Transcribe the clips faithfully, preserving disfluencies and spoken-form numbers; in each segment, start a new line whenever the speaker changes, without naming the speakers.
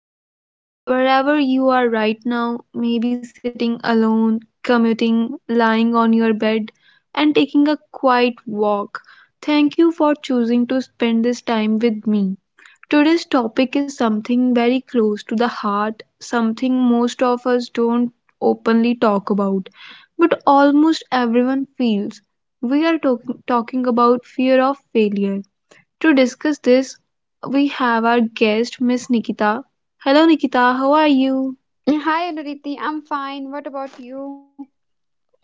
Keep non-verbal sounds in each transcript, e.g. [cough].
are here. Wherever you are right now, maybe sitting alone, commuting, lying on your bed, and taking a quiet walk, thank you for choosing to spend this time with me. Today's topic is something very close to the heart, something most of us don't openly talk about, but almost everyone feels. We are talk- talking about fear of failure. To discuss this, we have our guest, Miss Nikita. Hello, Nikita, how are you?
Hi, Aditi. I'm fine. What about you?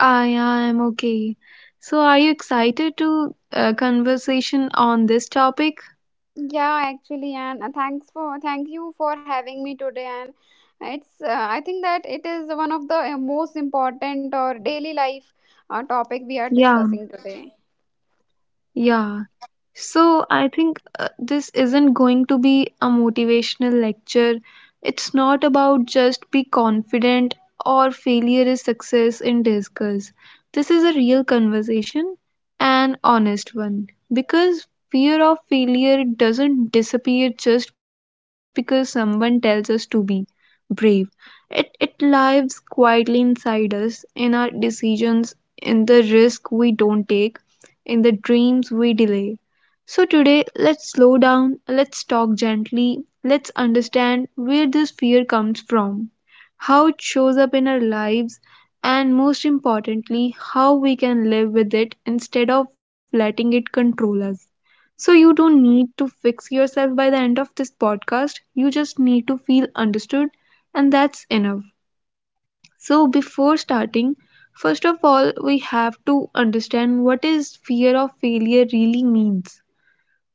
I am okay. So, are you excited to uh, conversation on this topic?
Yeah, actually, and uh, thanks for thank you for having me today. And it's uh, I think that it is one of the uh, most important or daily life uh, topic we are
Yeah,
discussing today.
yeah. So I think uh, this isn't going to be a motivational lecture. It's not about just be confident or failure is success in disguise. This is a real conversation, an honest one. Because fear of failure doesn't disappear just because someone tells us to be brave. It, it lives quietly inside us, in our decisions, in the risk we don't take in the dreams we delay. So, today, let's slow down, let's talk gently, let's understand where this fear comes from, how it shows up in our lives, and most importantly, how we can live with it instead of letting it control us. So, you don't need to fix yourself by the end of this podcast, you just need to feel understood, and that's enough. So before starting, first of all, we have to understand what is fear of failure really means.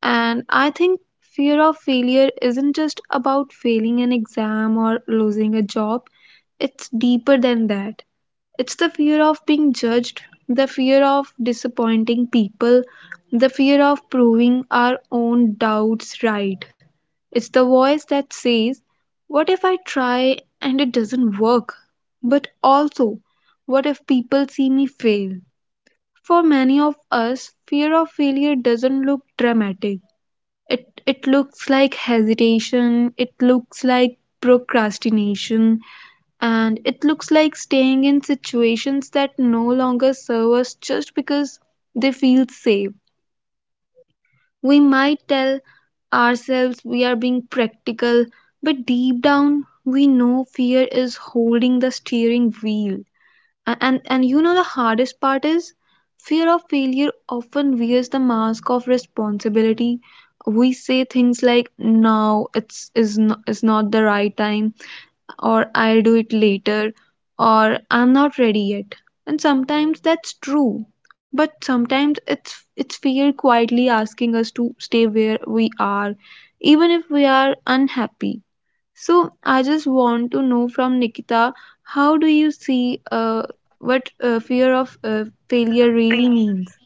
And I think fear of failure isn't just about failing an exam or losing a job. It's deeper than that. It's the fear of being judged, the fear of disappointing people, the fear of proving our own doubts right. It's the voice that says, what if I try and it doesn't work? But also, what if people see me fail? For many of us, fear of failure doesn't look dramatic. It, it looks like hesitation, it looks like procrastination, and it looks like staying in situations that no longer serve us just because they feel safe. We might tell ourselves we are being practical, but deep down we know fear is holding the steering wheel. A- And and you know the hardest part is fear of failure often wears the mask of responsibility. We say things like now it's is not, is not the right time or I'll do it later or I'm not ready yet. And sometimes that's true, but sometimes it's it's fear quietly asking us to stay where we are even if we are unhappy. So I just want to know from Nikita, how do you see uh, what uh, fear of uh, failure really means?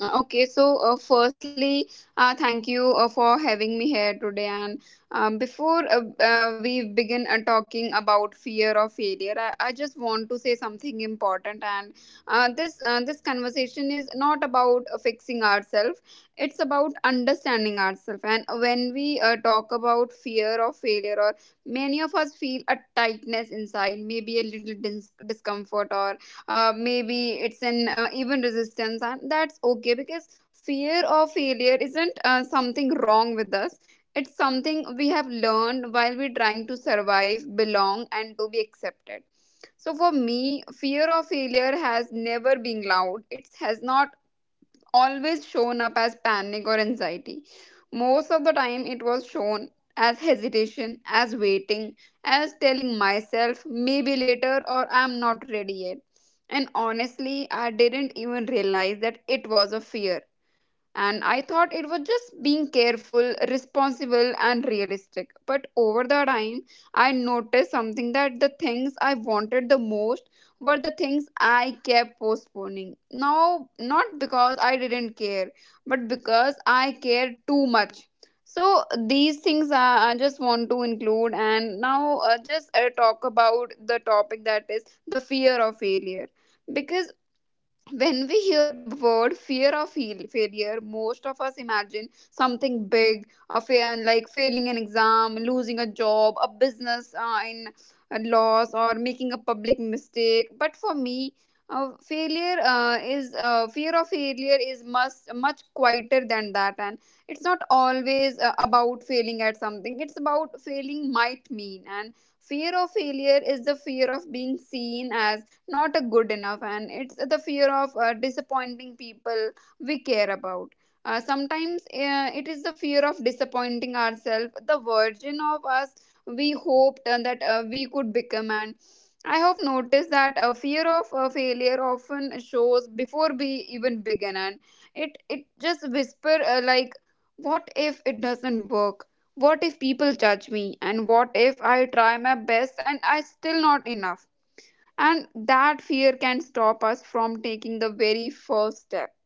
Uh, Okay, so uh, firstly, uh, thank you uh, for having me here today. And um, before uh, uh, we begin uh, talking about fear of failure, I, I just want to say something important. And uh, this uh, this conversation is not about uh, fixing ourselves; it's about understanding ourselves. And when we uh, talk about fear of failure, or many of us feel a tightness inside, maybe a little dis- discomfort, or uh, maybe it's an uh, even resistance, and that's okay because fear of failure isn't uh, something wrong with us. It's something we have learned while we're trying to survive, belong, and to be accepted. So for me, fear of failure has never been loud. It has not always shown up as panic or anxiety. Most of the time, it was shown as hesitation, as waiting, as telling myself, maybe later, or I'm not ready yet. And honestly, I didn't even realize that it was a fear, and I thought it was just being careful, responsible, and realistic. But over the time, I noticed something, that the things I wanted the most were the things I kept postponing. Now, not because I didn't care, but because I cared too much. So these things I, I just want to include, and now uh, just uh, talk about the topic that is the fear of failure. Because when we hear the word fear of fail- failure, most of us imagine something big, a fa- like failing an exam, losing a job, a business uh, in a loss, or making a public mistake. But for me, uh, failure uh, is uh, fear of failure is much much quieter than that. And it's not always uh, about failing at something, it's about failing might mean. And fear of failure is the fear of being seen as not a good enough, and it's the fear of uh, disappointing people we care about. Uh, sometimes uh, it is the fear of disappointing ourselves, the version of us we hoped uh, that uh, we could become. And I have noticed that a fear of uh, failure often shows before we even begin. And it it just whisper, uh, like, what if it doesn't work? What if people judge me? And what if I try my best and I still not enough? And that fear can stop us from taking the very first step.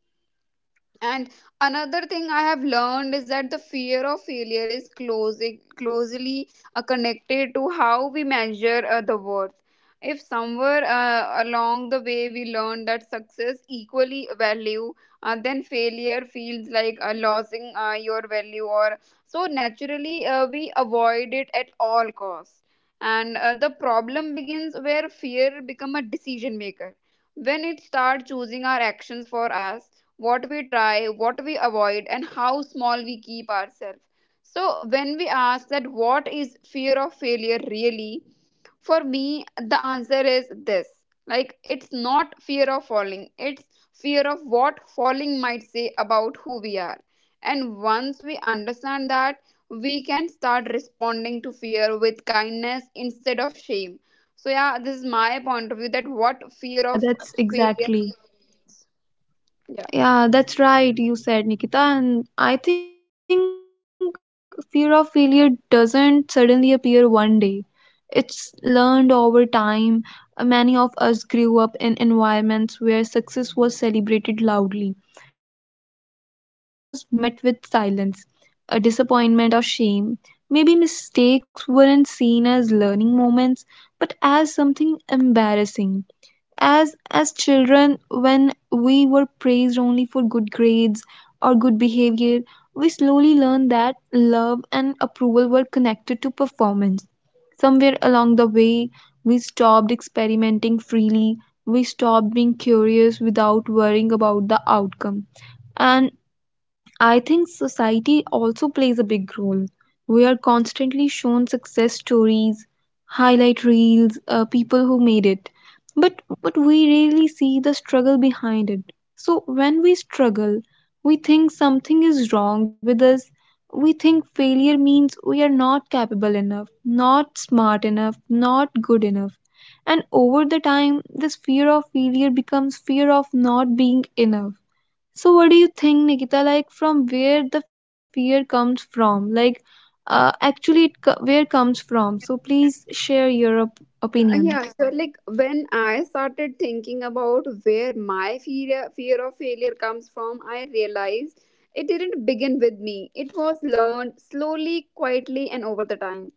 And another thing I have learned is that the fear of failure is closing, closely uh, connected to how we measure uh, the worth. If somewhere uh, along the way we learn that success equally value, uh, then failure feels like uh, losing uh, your value, or so naturally uh, we avoid it at all costs. And uh, the problem begins where fear become a decision maker. When it starts choosing our actions for us, what we try, what we avoid, and how small we keep ourselves. So, when we ask that what is fear of failure really, for me, the answer is this, like, it's not fear of falling, it's fear of what falling might say about who we are. And once we understand that, we can start responding to fear with kindness instead of shame. So, yeah, this is my point of view that what fear
Yeah,
of
that's
failure
exactly.
means. Yeah.
Yeah, that's right, you said, Nikita. And I think fear of failure doesn't suddenly appear one day. It's learned over time. Uh, Many of us grew up in environments where success was celebrated loudly, but failure was met with silence, a disappointment or shame. Maybe mistakes weren't seen as learning moments, but as something embarrassing. As as children, when we were praised only for good grades or good behavior, we slowly learned that love and approval were connected to performance. Somewhere along the way we stopped experimenting freely, we stopped being curious without worrying about the outcome. And I think society also plays a big role. We are constantly shown success stories, highlight reels, uh, people who made it, but but we rarely see the struggle behind it. So when we struggle, we think something is wrong with us. We think failure means we are not capable enough, not smart enough, not good enough. And over the time, this fear of failure becomes fear of not being enough. So, what do you think, Nikita? Like, from where the fear comes from? Like, uh, actually, it co- where comes from? So, please share your op-
Uh,
opinion.
Yeah, so like when I started thinking about where my fear fear of failure comes from, I realized it didn't begin with me. It was learned slowly, quietly, and over the time.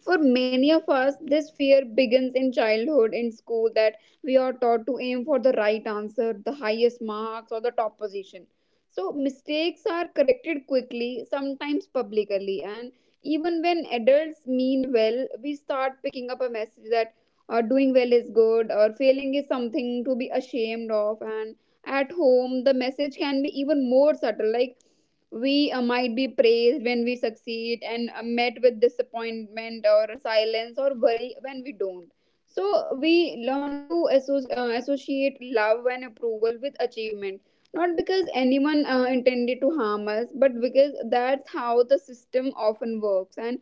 For many of us, this fear begins in childhood, in school, that we are taught to aim for the right answer, the highest marks, or the top position. So, mistakes are corrected quickly, sometimes publicly, and even when adults mean well, we start picking up a message that uh, doing well is good, or failing is something to be ashamed of. And at home, the message can be even more subtle, like we uh, might be praised when we succeed, and uh, met with disappointment or silence or worry when we don't. So we learn to asso- uh, associate love and approval with achievement, not because anyone uh, intended to harm us, but because that's how the system often works. And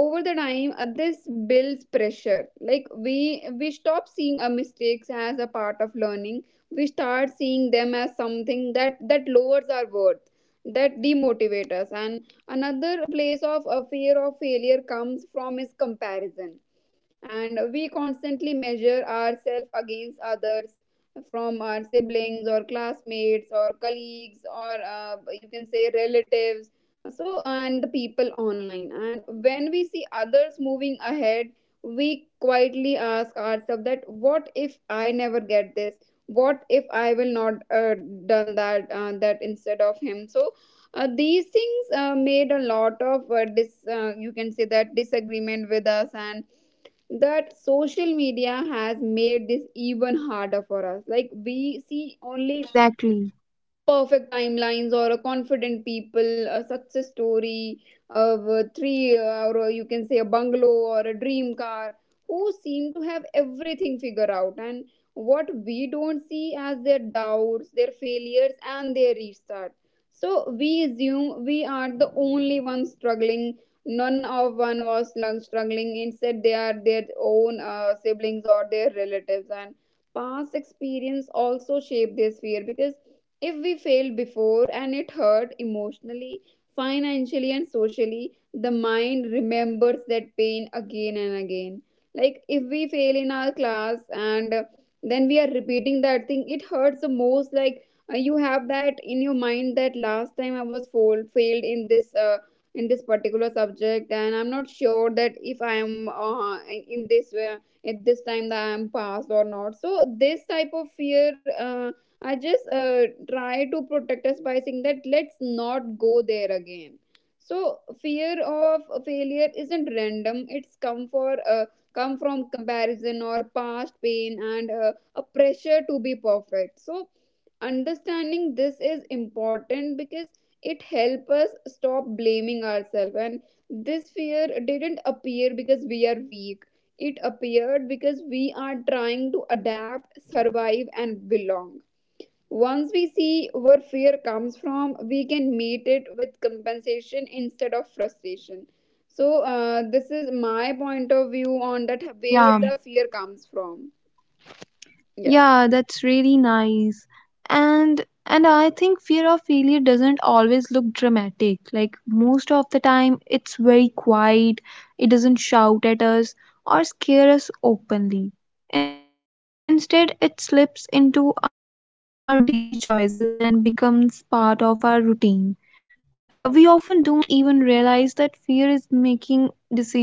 over the time, uh, this builds pressure, like we we stop seeing our mistakes as a part of learning. We start seeing them as something that that lowers our worth, that demotivate us. And another place of a fear of failure comes from is comparison. And we constantly measure ourselves against others, from our siblings, or classmates, or colleagues, or uh, you can say relatives. So, and the people online. And when we see others moving ahead, we quietly ask ourselves that, what if I never get this? What if I will not uh, done that uh, that instead of him? So uh, these things uh, made a lot of uh, dis uh, you can say that disagreement with us. And that social media has made this even harder for us, like we see
Yeah,
only
exactly.
perfect timelines, or a confident people, a success story of a three uh, or you can say a bungalow or a dream car, who seem to have everything figured out. And what we don't see as their doubts, their failures, and their restart. So we assume we are the only ones struggling, none of one was lung- struggling, instead they are their own uh, siblings or their relatives. And past experience also shape this fear, because if we failed before and it hurt emotionally, financially, and socially, the mind remembers that pain again and again. Like if we fail in our class and uh, then we are repeating that thing, it hurts the most. Like uh, you have that in your mind that last time I was failed failed in this uh, in this particular subject, and I'm not sure that if I am uh, in this way at this time that I am passed or not. So this type of fear. Uh, I just uh, try to protect us by saying that let's not go there again. So fear of failure isn't random. It's come for uh, come from comparison or past pain and uh, a pressure to be perfect. So understanding this is important because it helps us stop blaming ourselves. And this fear didn't appear because we are weak. It appeared because we are trying to adapt, survive, and belong. Once we see where fear comes from, we can meet it with compensation instead of frustration. So, uh, this is my point of view on that where
Yeah.
the fear comes from. Yeah.
Yeah, that's really nice. And and I think fear of failure doesn't always look dramatic. Like most of the time it's very quiet. It doesn't shout at us or scare us openly. Instead, it slips into our daily choices and becomes part of our routine. Uh, we often don't even realize that fear is making decisions for us.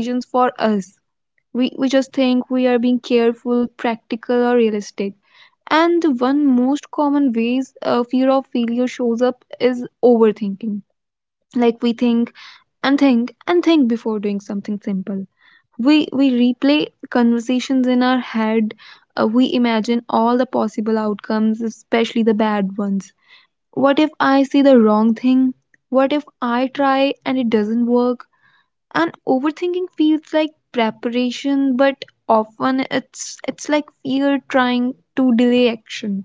We we just think we are being careful, practical or realistic. And the one most common ways uh, fear of failure shows up is overthinking. Like we think and think and think before doing something simple. We we replay conversations in our head. Uh, we imagine all the possible outcomes, especially the bad ones. What if I say the wrong thing? What if I try and it doesn't work? And overthinking feels like preparation, but often it's it's like fear trying to delay action.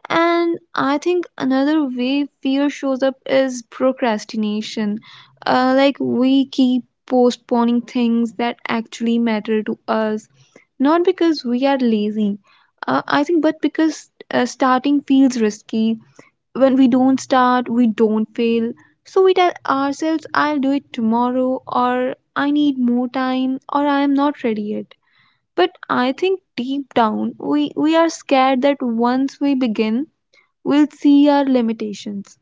And I think another way fear shows up is procrastination. Uh, like we keep postponing things that actually matter to us, not because we are lazy, uh, I think, but because uh, starting feels risky. When we don't start, we don't fail. So we tell ourselves, I'll do it tomorrow, or I need more time, or I am not ready yet. But I think deep down, we, we are scared that once we begin, we'll see our limitations.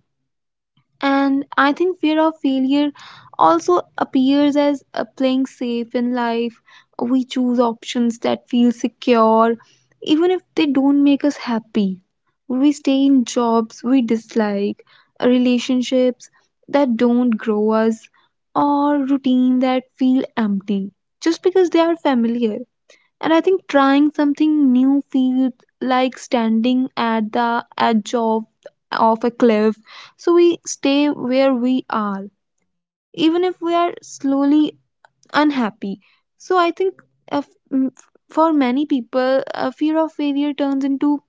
And I think fear of failure also appears as uh, playing safe in life. We choose options that feel secure, even if they don't make us happy. We stay in jobs we dislike, relationships that don't grow us, or routine that feel empty just because they are familiar. And I think trying something new feels like standing at the edge of of a cliff. So we stay where we are even if we are slowly unhappy. So I think, uh, f- m- for many people, a fear of failure turns into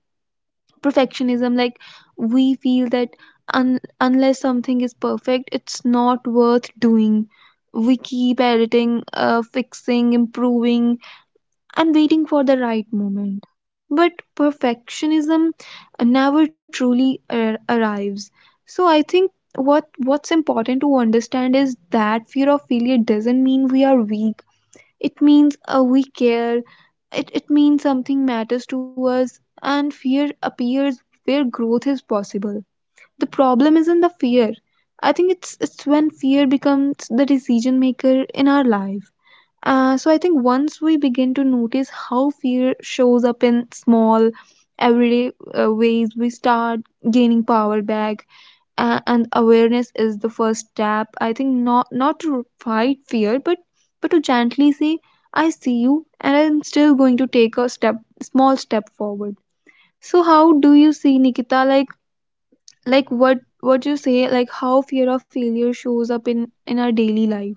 perfectionism. Like we feel that un- unless something is perfect, it's not worth doing. We keep editing, uh, fixing, improving, and waiting for the right moment. But perfectionism never truly ar- arrives. So I think what what's important to understand is that fear of failure doesn't mean we are weak. It means uh, we care. It it means something matters to us, and fear appears where growth is possible. The problem isn't the fear. I think it's it's when fear becomes the decision maker in our life. Uh, so I think once we begin to notice how fear shows up in small, everyday uh, ways, we start gaining power back. Uh, and awareness is the first step. I think not not to fight fear, but but to gently say, "I see you, and I'm still going to take a step, small step forward." So how do you see Nikita? Like like what what you say? Like how fear of failure shows up in in our daily life?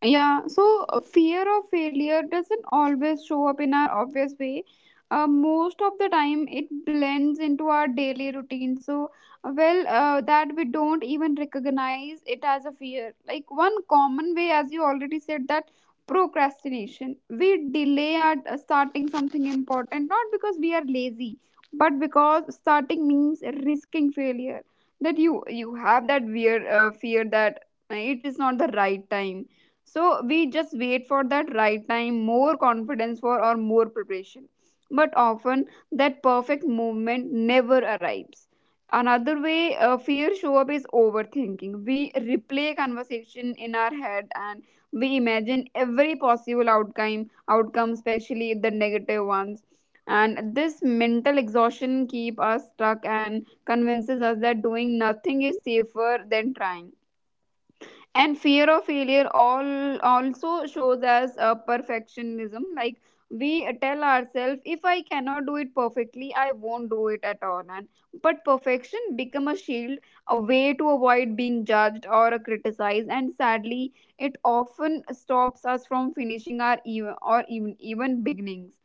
Yeah, so uh, fear of failure doesn't always show up in our obvious way. Uh, most of the time, it blends into our daily routine. So, uh, well, uh, that we don't even recognize it as a fear. Like, one common way, as you already said, that procrastination. We delay our uh, starting something important, not because we are lazy, but because starting means risking failure. That you you have that weird uh, fear that uh, it is not the right time. So we just wait for that right time, more confidence for, or more preparation. But often that perfect moment never arrives. Another way uh, fear show up is overthinking. We replay conversation in our head, and we imagine every possible outcome outcome, especially the negative ones. And this mental exhaustion keep us stuck and convinces us that doing nothing is safer than trying. And fear of failure all also shows as a perfectionism, like we tell ourselves, if I cannot do it perfectly, I won't do it at all. And but perfection become a shield, a way to avoid being judged or criticized. And sadly, it often stops us from finishing our even, or even even beginnings.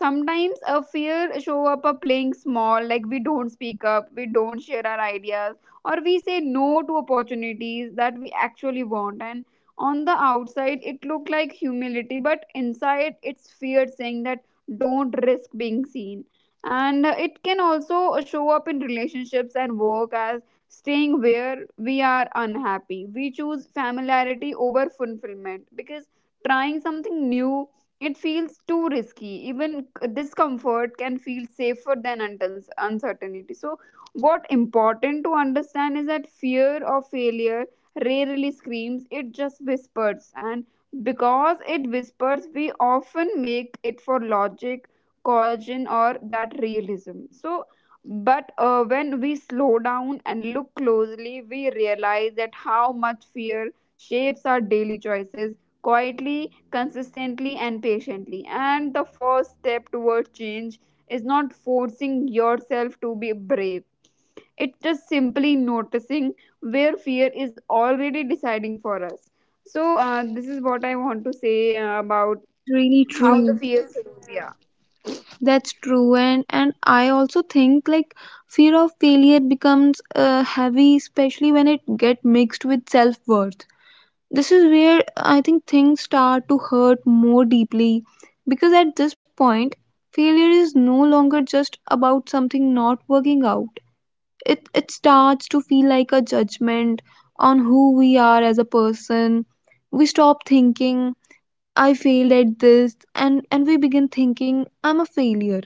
Sometimes a fear show up a playing small, like we don't speak up, we don't share our ideas, or we say no to opportunities that we actually want. And on the outside it look like humility, but inside it's fear saying that, don't risk being seen. And uh, it can also show up in relationships and work as staying where we are unhappy. We choose familiarity over fulfillment because trying something new, it feels too risky. Even c- discomfort can feel safer than until uncertainty. So what important to understand is that fear of failure rarely screams, it just whispers. And because it whispers, we often make it for logic, coercion, or that realism. So, but uh, when we slow down and look closely, we realize that how much fear shapes our daily choices quietly, consistently, and patiently. And the first step toward change is not forcing yourself to be brave, it's just simply noticing where fear is already deciding for us. So, uh, this is what I want to say uh, about
That's really
how the
true.
fear. Yeah.
That's true. And and I also think, like, fear of failure becomes uh, heavy, especially when it get mixed with self-worth. This is where I think things start to hurt more deeply, because at this point, failure is no longer just about something not working out. It it starts to feel like a judgment on who we are as a person. We stop thinking, I failed at this, and and we begin thinking, I'm a failure.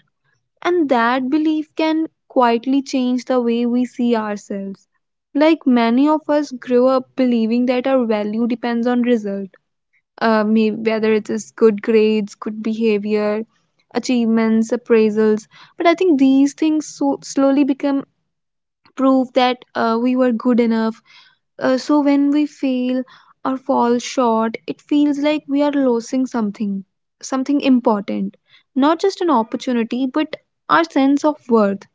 And that belief can quietly change the way we see ourselves. Like many of us grew up believing that our value depends on result, uh, maybe whether it is good grades, good behavior, achievements, appraisals. But I think these things so slowly become proof that uh, we were good enough. Uh, so when we fail or fall short, it feels like we are losing something, something important, not just an opportunity, but our sense of worth.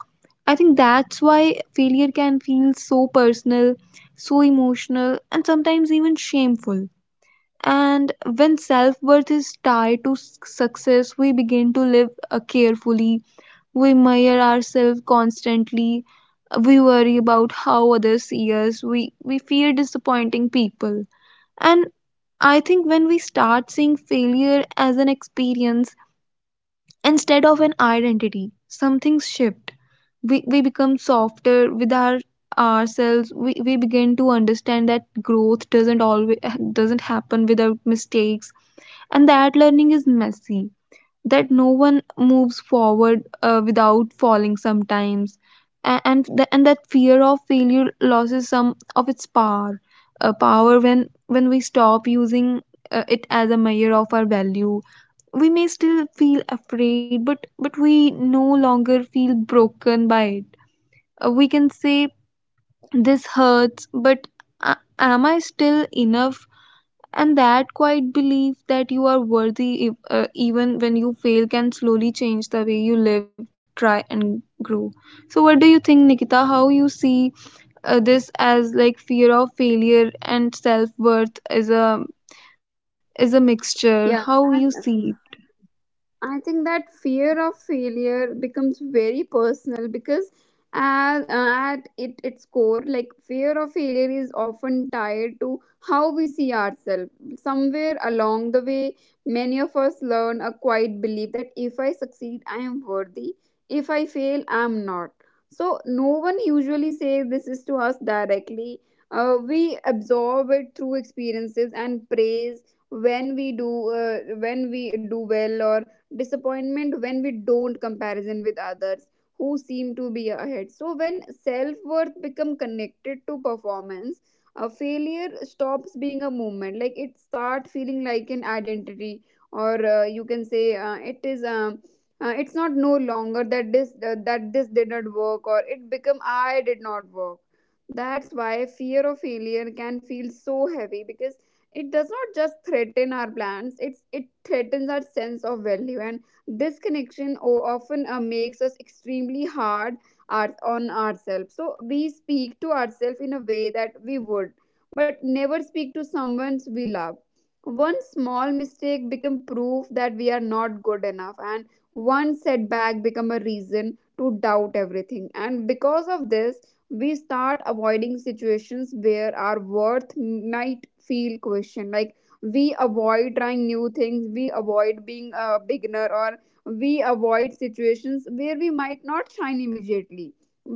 I think that's why failure can feel so personal, so emotional, and sometimes even shameful. And when self worth is tied to s- success, we begin to live uh, carefully. We measure ourselves constantly. We worry about how others see us. We, we fear disappointing people. And I think when we start seeing failure as an experience instead of an identity, something shift. We, we become softer with our ourselves. We, we begin to understand that growth doesn't always [laughs] doesn't happen without mistakes, and that learning is messy, that no one moves forward uh, without falling sometimes. A- and th- and that fear of failure loses some of its power uh, power when when we stop using uh, it as a measure of our value. We may still feel afraid, but but we no longer feel broken by it. Uh, we can say, this hurts, but a- am I still enough? And that quiet belief that you are worthy if, uh, even when you fail can slowly change the way you live, try, and grow. So what do you think, Nikita? How you see, uh, this as, like, fear of failure and self worth is a is a mixture.
Yeah,
How you see it?
I think that fear of failure becomes very personal because at, at it, its core, like fear of failure is often tied to how we see ourselves. Somewhere along the way, many of us learn a quiet belief that if I succeed, I am worthy. If I fail, I am not. So, no one usually says this is to us directly. Uh, we absorb it through experiences and praise when we do uh, when we do well, or disappointment when we don't, comparison with others who seem to be ahead. So when self-worth become connected to performance, a failure stops being a movement, like it start feeling like an identity. Or uh, you can say uh, it is um, uh, it's not no longer that this uh, that this did not work, or it become I did not work. That's why fear of failure can feel so heavy, because it does not just threaten our plans, it's it threatens our sense of value. And this connection o- often uh, makes us extremely hard our, on ourselves. So we speak to ourselves in a way that we would but never speak to someone we love. One small mistake become proof that we are not good enough, and one setback become a reason to doubt everything. And because of this, we start avoiding situations where our worth might feel questioned. Like, we avoid trying new things, we avoid being a beginner, or we avoid situations where we might not shine immediately.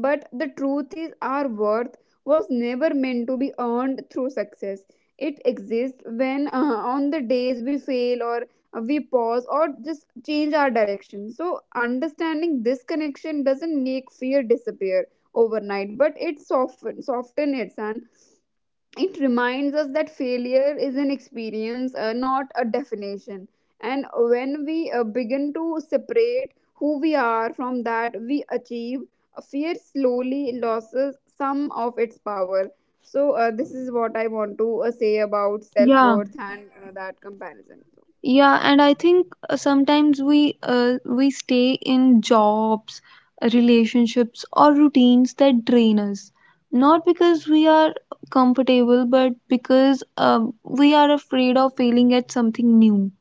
But the truth is, our worth was never meant to be earned through success. It exists when uh, on the days we fail, or we pause, or just change our direction. So understanding this connection doesn't make fear disappear overnight, but it softens, soften it. And it reminds us that failure is an experience, uh, not a definition. And when we uh, begin to separate who we are from that we achieve, uh, fear slowly loses some of its power. So uh, this is what I want to uh, say about self
Yeah.
worth and uh, that comparison.
Yeah, and I think uh, sometimes we uh, we stay in jobs, relationships, or routines that drain us, not because we are comfortable, but because um, we are afraid of failing at something new.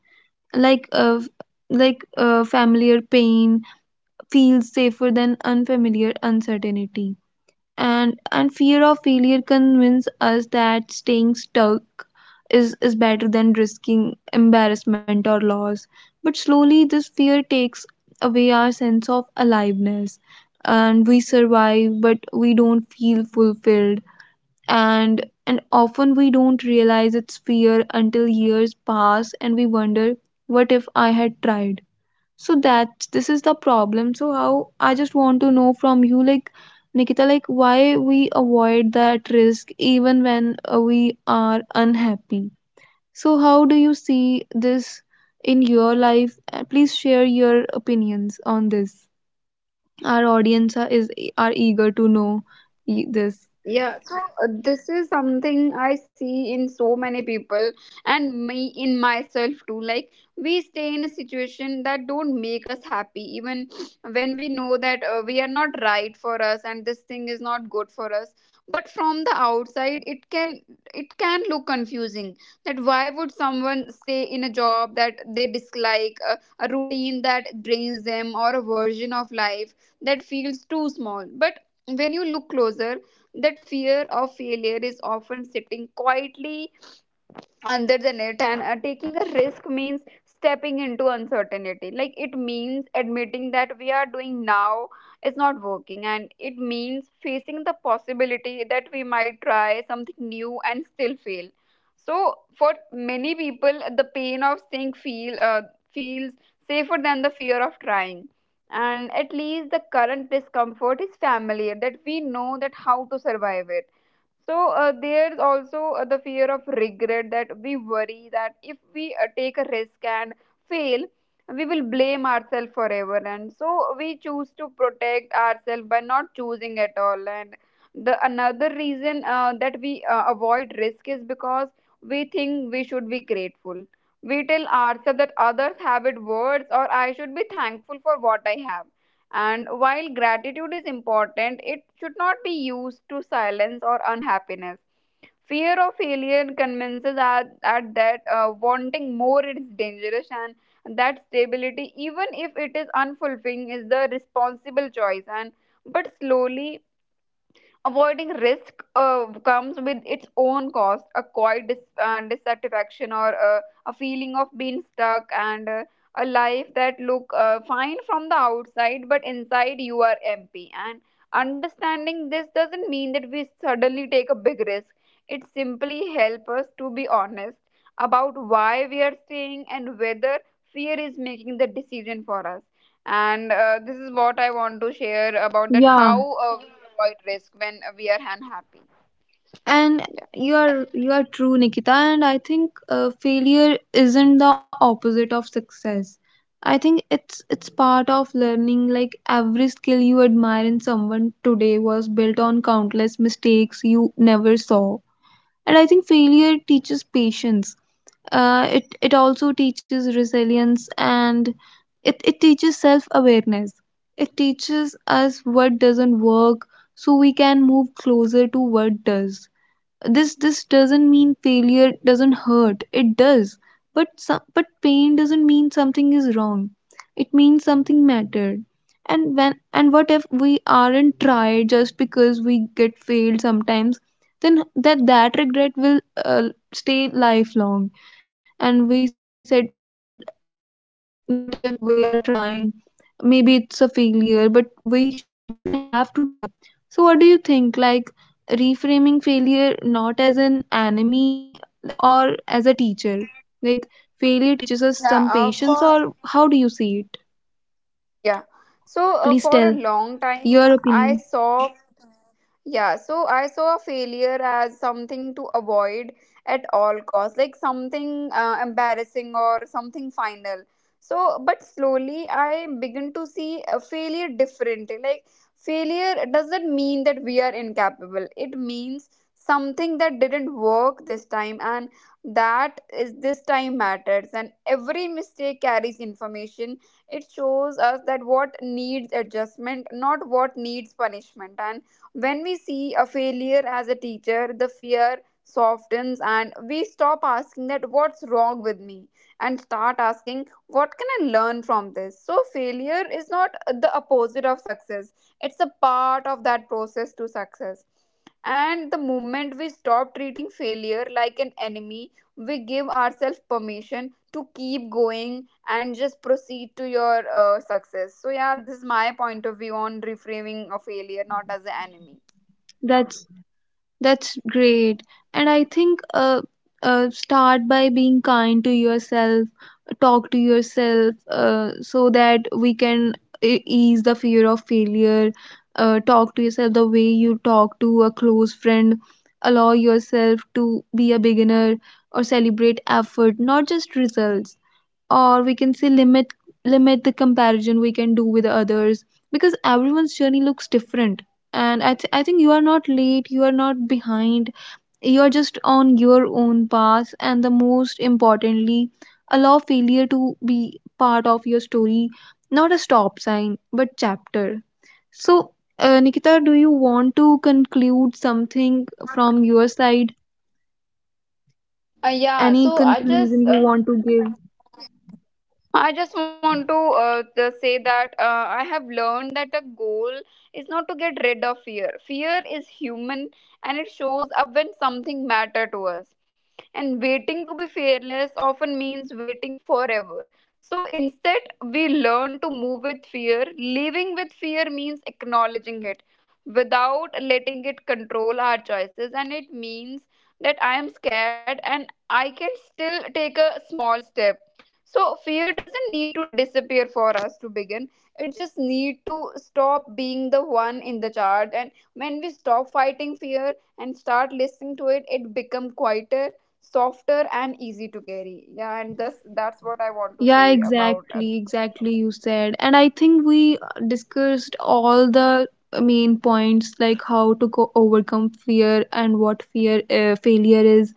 Like uh, f- like uh, familiar pain feels safer than unfamiliar uncertainty. And and fear of failure convince us that staying stuck is is better than risking embarrassment or loss. But slowly this fear takes away our sense of aliveness, and we survive but we don't feel fulfilled. And and often we don't realize it's fear until years pass and we wonder, what if I had tried? So that this is the problem. So how, I just want to know from you, like Nikita, like why we avoid that risk even when uh, we are unhappy. So how do you see this in your life? Uh, Please share your opinions on this. Our audience are, is are eager to know e- this.
Yeah, so uh, this is something I see in so many people, and me in myself too. Like, we stay in a situation that don't make us happy, even when we know that uh, we are not right for us and this thing is not good for us. But from the outside, it can, it can look confusing. That why would someone stay in a job that they dislike, a, a routine that drains them, or a version of life that feels too small? But when you look closer, that fear of failure is often sitting quietly under the net. And uh, taking a risk means stepping into uncertainty, like it means admitting that we are doing now is not working, and it means facing the possibility that we might try something new and still fail. So for many people, the pain of saying feel uh, feels safer than the fear of trying, and at least the current discomfort is familiar, that we know that how to survive it. So uh, there's also uh, the fear of regret, that we worry that if we uh, take a risk and fail, we will blame ourselves forever. And so we choose to protect ourselves by not choosing at all. And the another reason uh, that we uh, avoid risk is because we think we should be grateful. We tell ourselves that others have it worse, or I should be thankful for what I have. And while gratitude is important, it should not be used to silence or unhappiness. Fear of failure convinces us at that uh, wanting more is dangerous, and that stability, even if it is unfulfilling, is the responsible choice. And but slowly, avoiding risk uh, comes with its own cost, a quiet dis- uh, dissatisfaction, or uh, a feeling of being stuck, and uh, a life that look uh, fine from the outside, but inside you are empty. And understanding this doesn't mean that we suddenly take a big risk. It simply helps us to be honest about why we are staying and whether fear is making the decision for us. And uh, this is what I want to share about that how
Yeah.
uh, we avoid risk when we are unhappy.
And
Yeah.
you are you are true, Nikita, and I think uh, failure isn't the opposite of success. I think it's it's part of learning. Like every skill you admire in someone today was built on countless mistakes you never saw. And I think failure teaches patience. uh, it it also teaches resilience, and it, it teaches self awareness. It teaches us what doesn't work so we can move closer to what does. This this doesn't mean failure doesn't hurt. It does. But some, but pain doesn't mean something is wrong. It means something mattered. And when, and what if we aren't tried just because we get failed sometimes? Then that that regret will uh, stay lifelong. And we said, what if we are trying? Maybe it's a failure, but we sh- we should have to try. So what do you think, like reframing failure not as an enemy or as a teacher? Like, failure teaches us some
yeah uh,
patience,
for
or how do you see it?
yeah so uh,
Please
for a
tell
long time
your
I
opinion.
saw. Yeah, so I saw failure as something to avoid at all costs, like something uh, embarrassing or something final. So, but slowly I began to see a failure differently. Like, failure doesn't mean that we are incapable, it means something that didn't work this time, and that is this time matters. And every mistake carries information, it shows us that what needs adjustment, not what needs punishment. And when we see a failure as a teacher, the fear softens, and we stop asking that what's wrong with me and start asking what can I learn from this. So failure is not the opposite of success. It's a part of that process to success. And the moment we stop treating failure like an enemy, we give ourselves permission to keep going and just proceed to your uh, success. So, yeah, this is my point of view on reframing a failure not as an enemy.
That's that's great, and I think uh, uh, start by being kind to yourself, talk to yourself, uh, so that we can e- ease the fear of failure. Uh, talk to yourself the way you talk to a close friend. Allow yourself to be a beginner, or celebrate effort, not just results. Or we can say, limit limit the comparison we can do with others, because everyone's journey looks different. And I, th- I think you are not late, you are not behind, you are just on your own path. And the most importantly, allow failure to be part of your story, not a stop sign but chapter. So uh, Nikita, do you want to conclude something from your side,
Uh, yeah,
any
so I
conclusion
just.
you
Uh,
want to give?
I just want to uh, the- say that uh, I have learned that the goal is not to get rid of fear. Fear is human, and it shows up when something matters to us. And waiting to be fearless often means waiting forever. So instead, we learn to move with fear. Living with fear means acknowledging it without letting it control our choices. And it means that I am scared and I can still take a small step, so fear doesn't need to disappear for us to begin. It just need to stop being the one in the charge. And when we stop fighting fear and start listening to it, it become quieter, softer, and easy to carry. Yeah, and that's that's what I want to
Yeah,
say about.
exactly, exactly. You said, and I think we uh, discussed all the main points, like how to go overcome fear and what fear uh, failure is.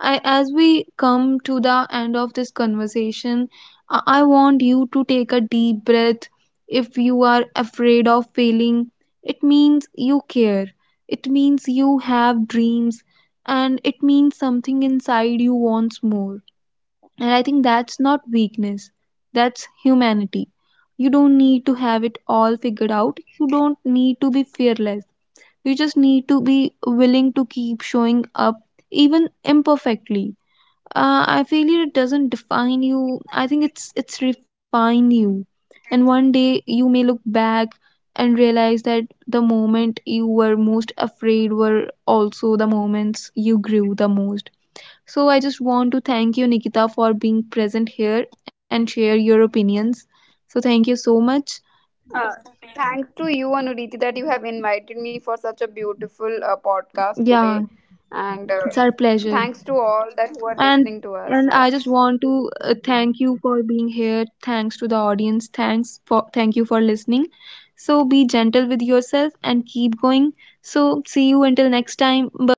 I, As we come to the end of this conversation, I, I want you to take a deep breath. If you are afraid of failing, it means you care. It means you have dreams, and it means something inside you wants more. And I think that's not weakness, that's humanity. You don't need to have it all figured out, you don't need to be fearless. You just need to be willing to keep showing up, even imperfectly. Uh, I feel it doesn't define you. I think it's it's refine you. And one day you may look back and realize that the moment you were most afraid were also the moments you grew the most. So I just want to thank you, Nikita, for being present here and share your opinions. So thank you so much.
Uh, uh, Thanks to you, Anuriti, that you have invited me for such a
Yeah,
beautiful uh, podcast
it's
today,
our pleasure.
and uh, thanks to
And
all that
and
who
I
are
just
listening
want
to
to
us.
uh,
Yeah.
thank you for being here. Thanks to the audience. Thanks for thank you for listening. So be gentle with yourself and keep going. So see you until next time. Bye bye.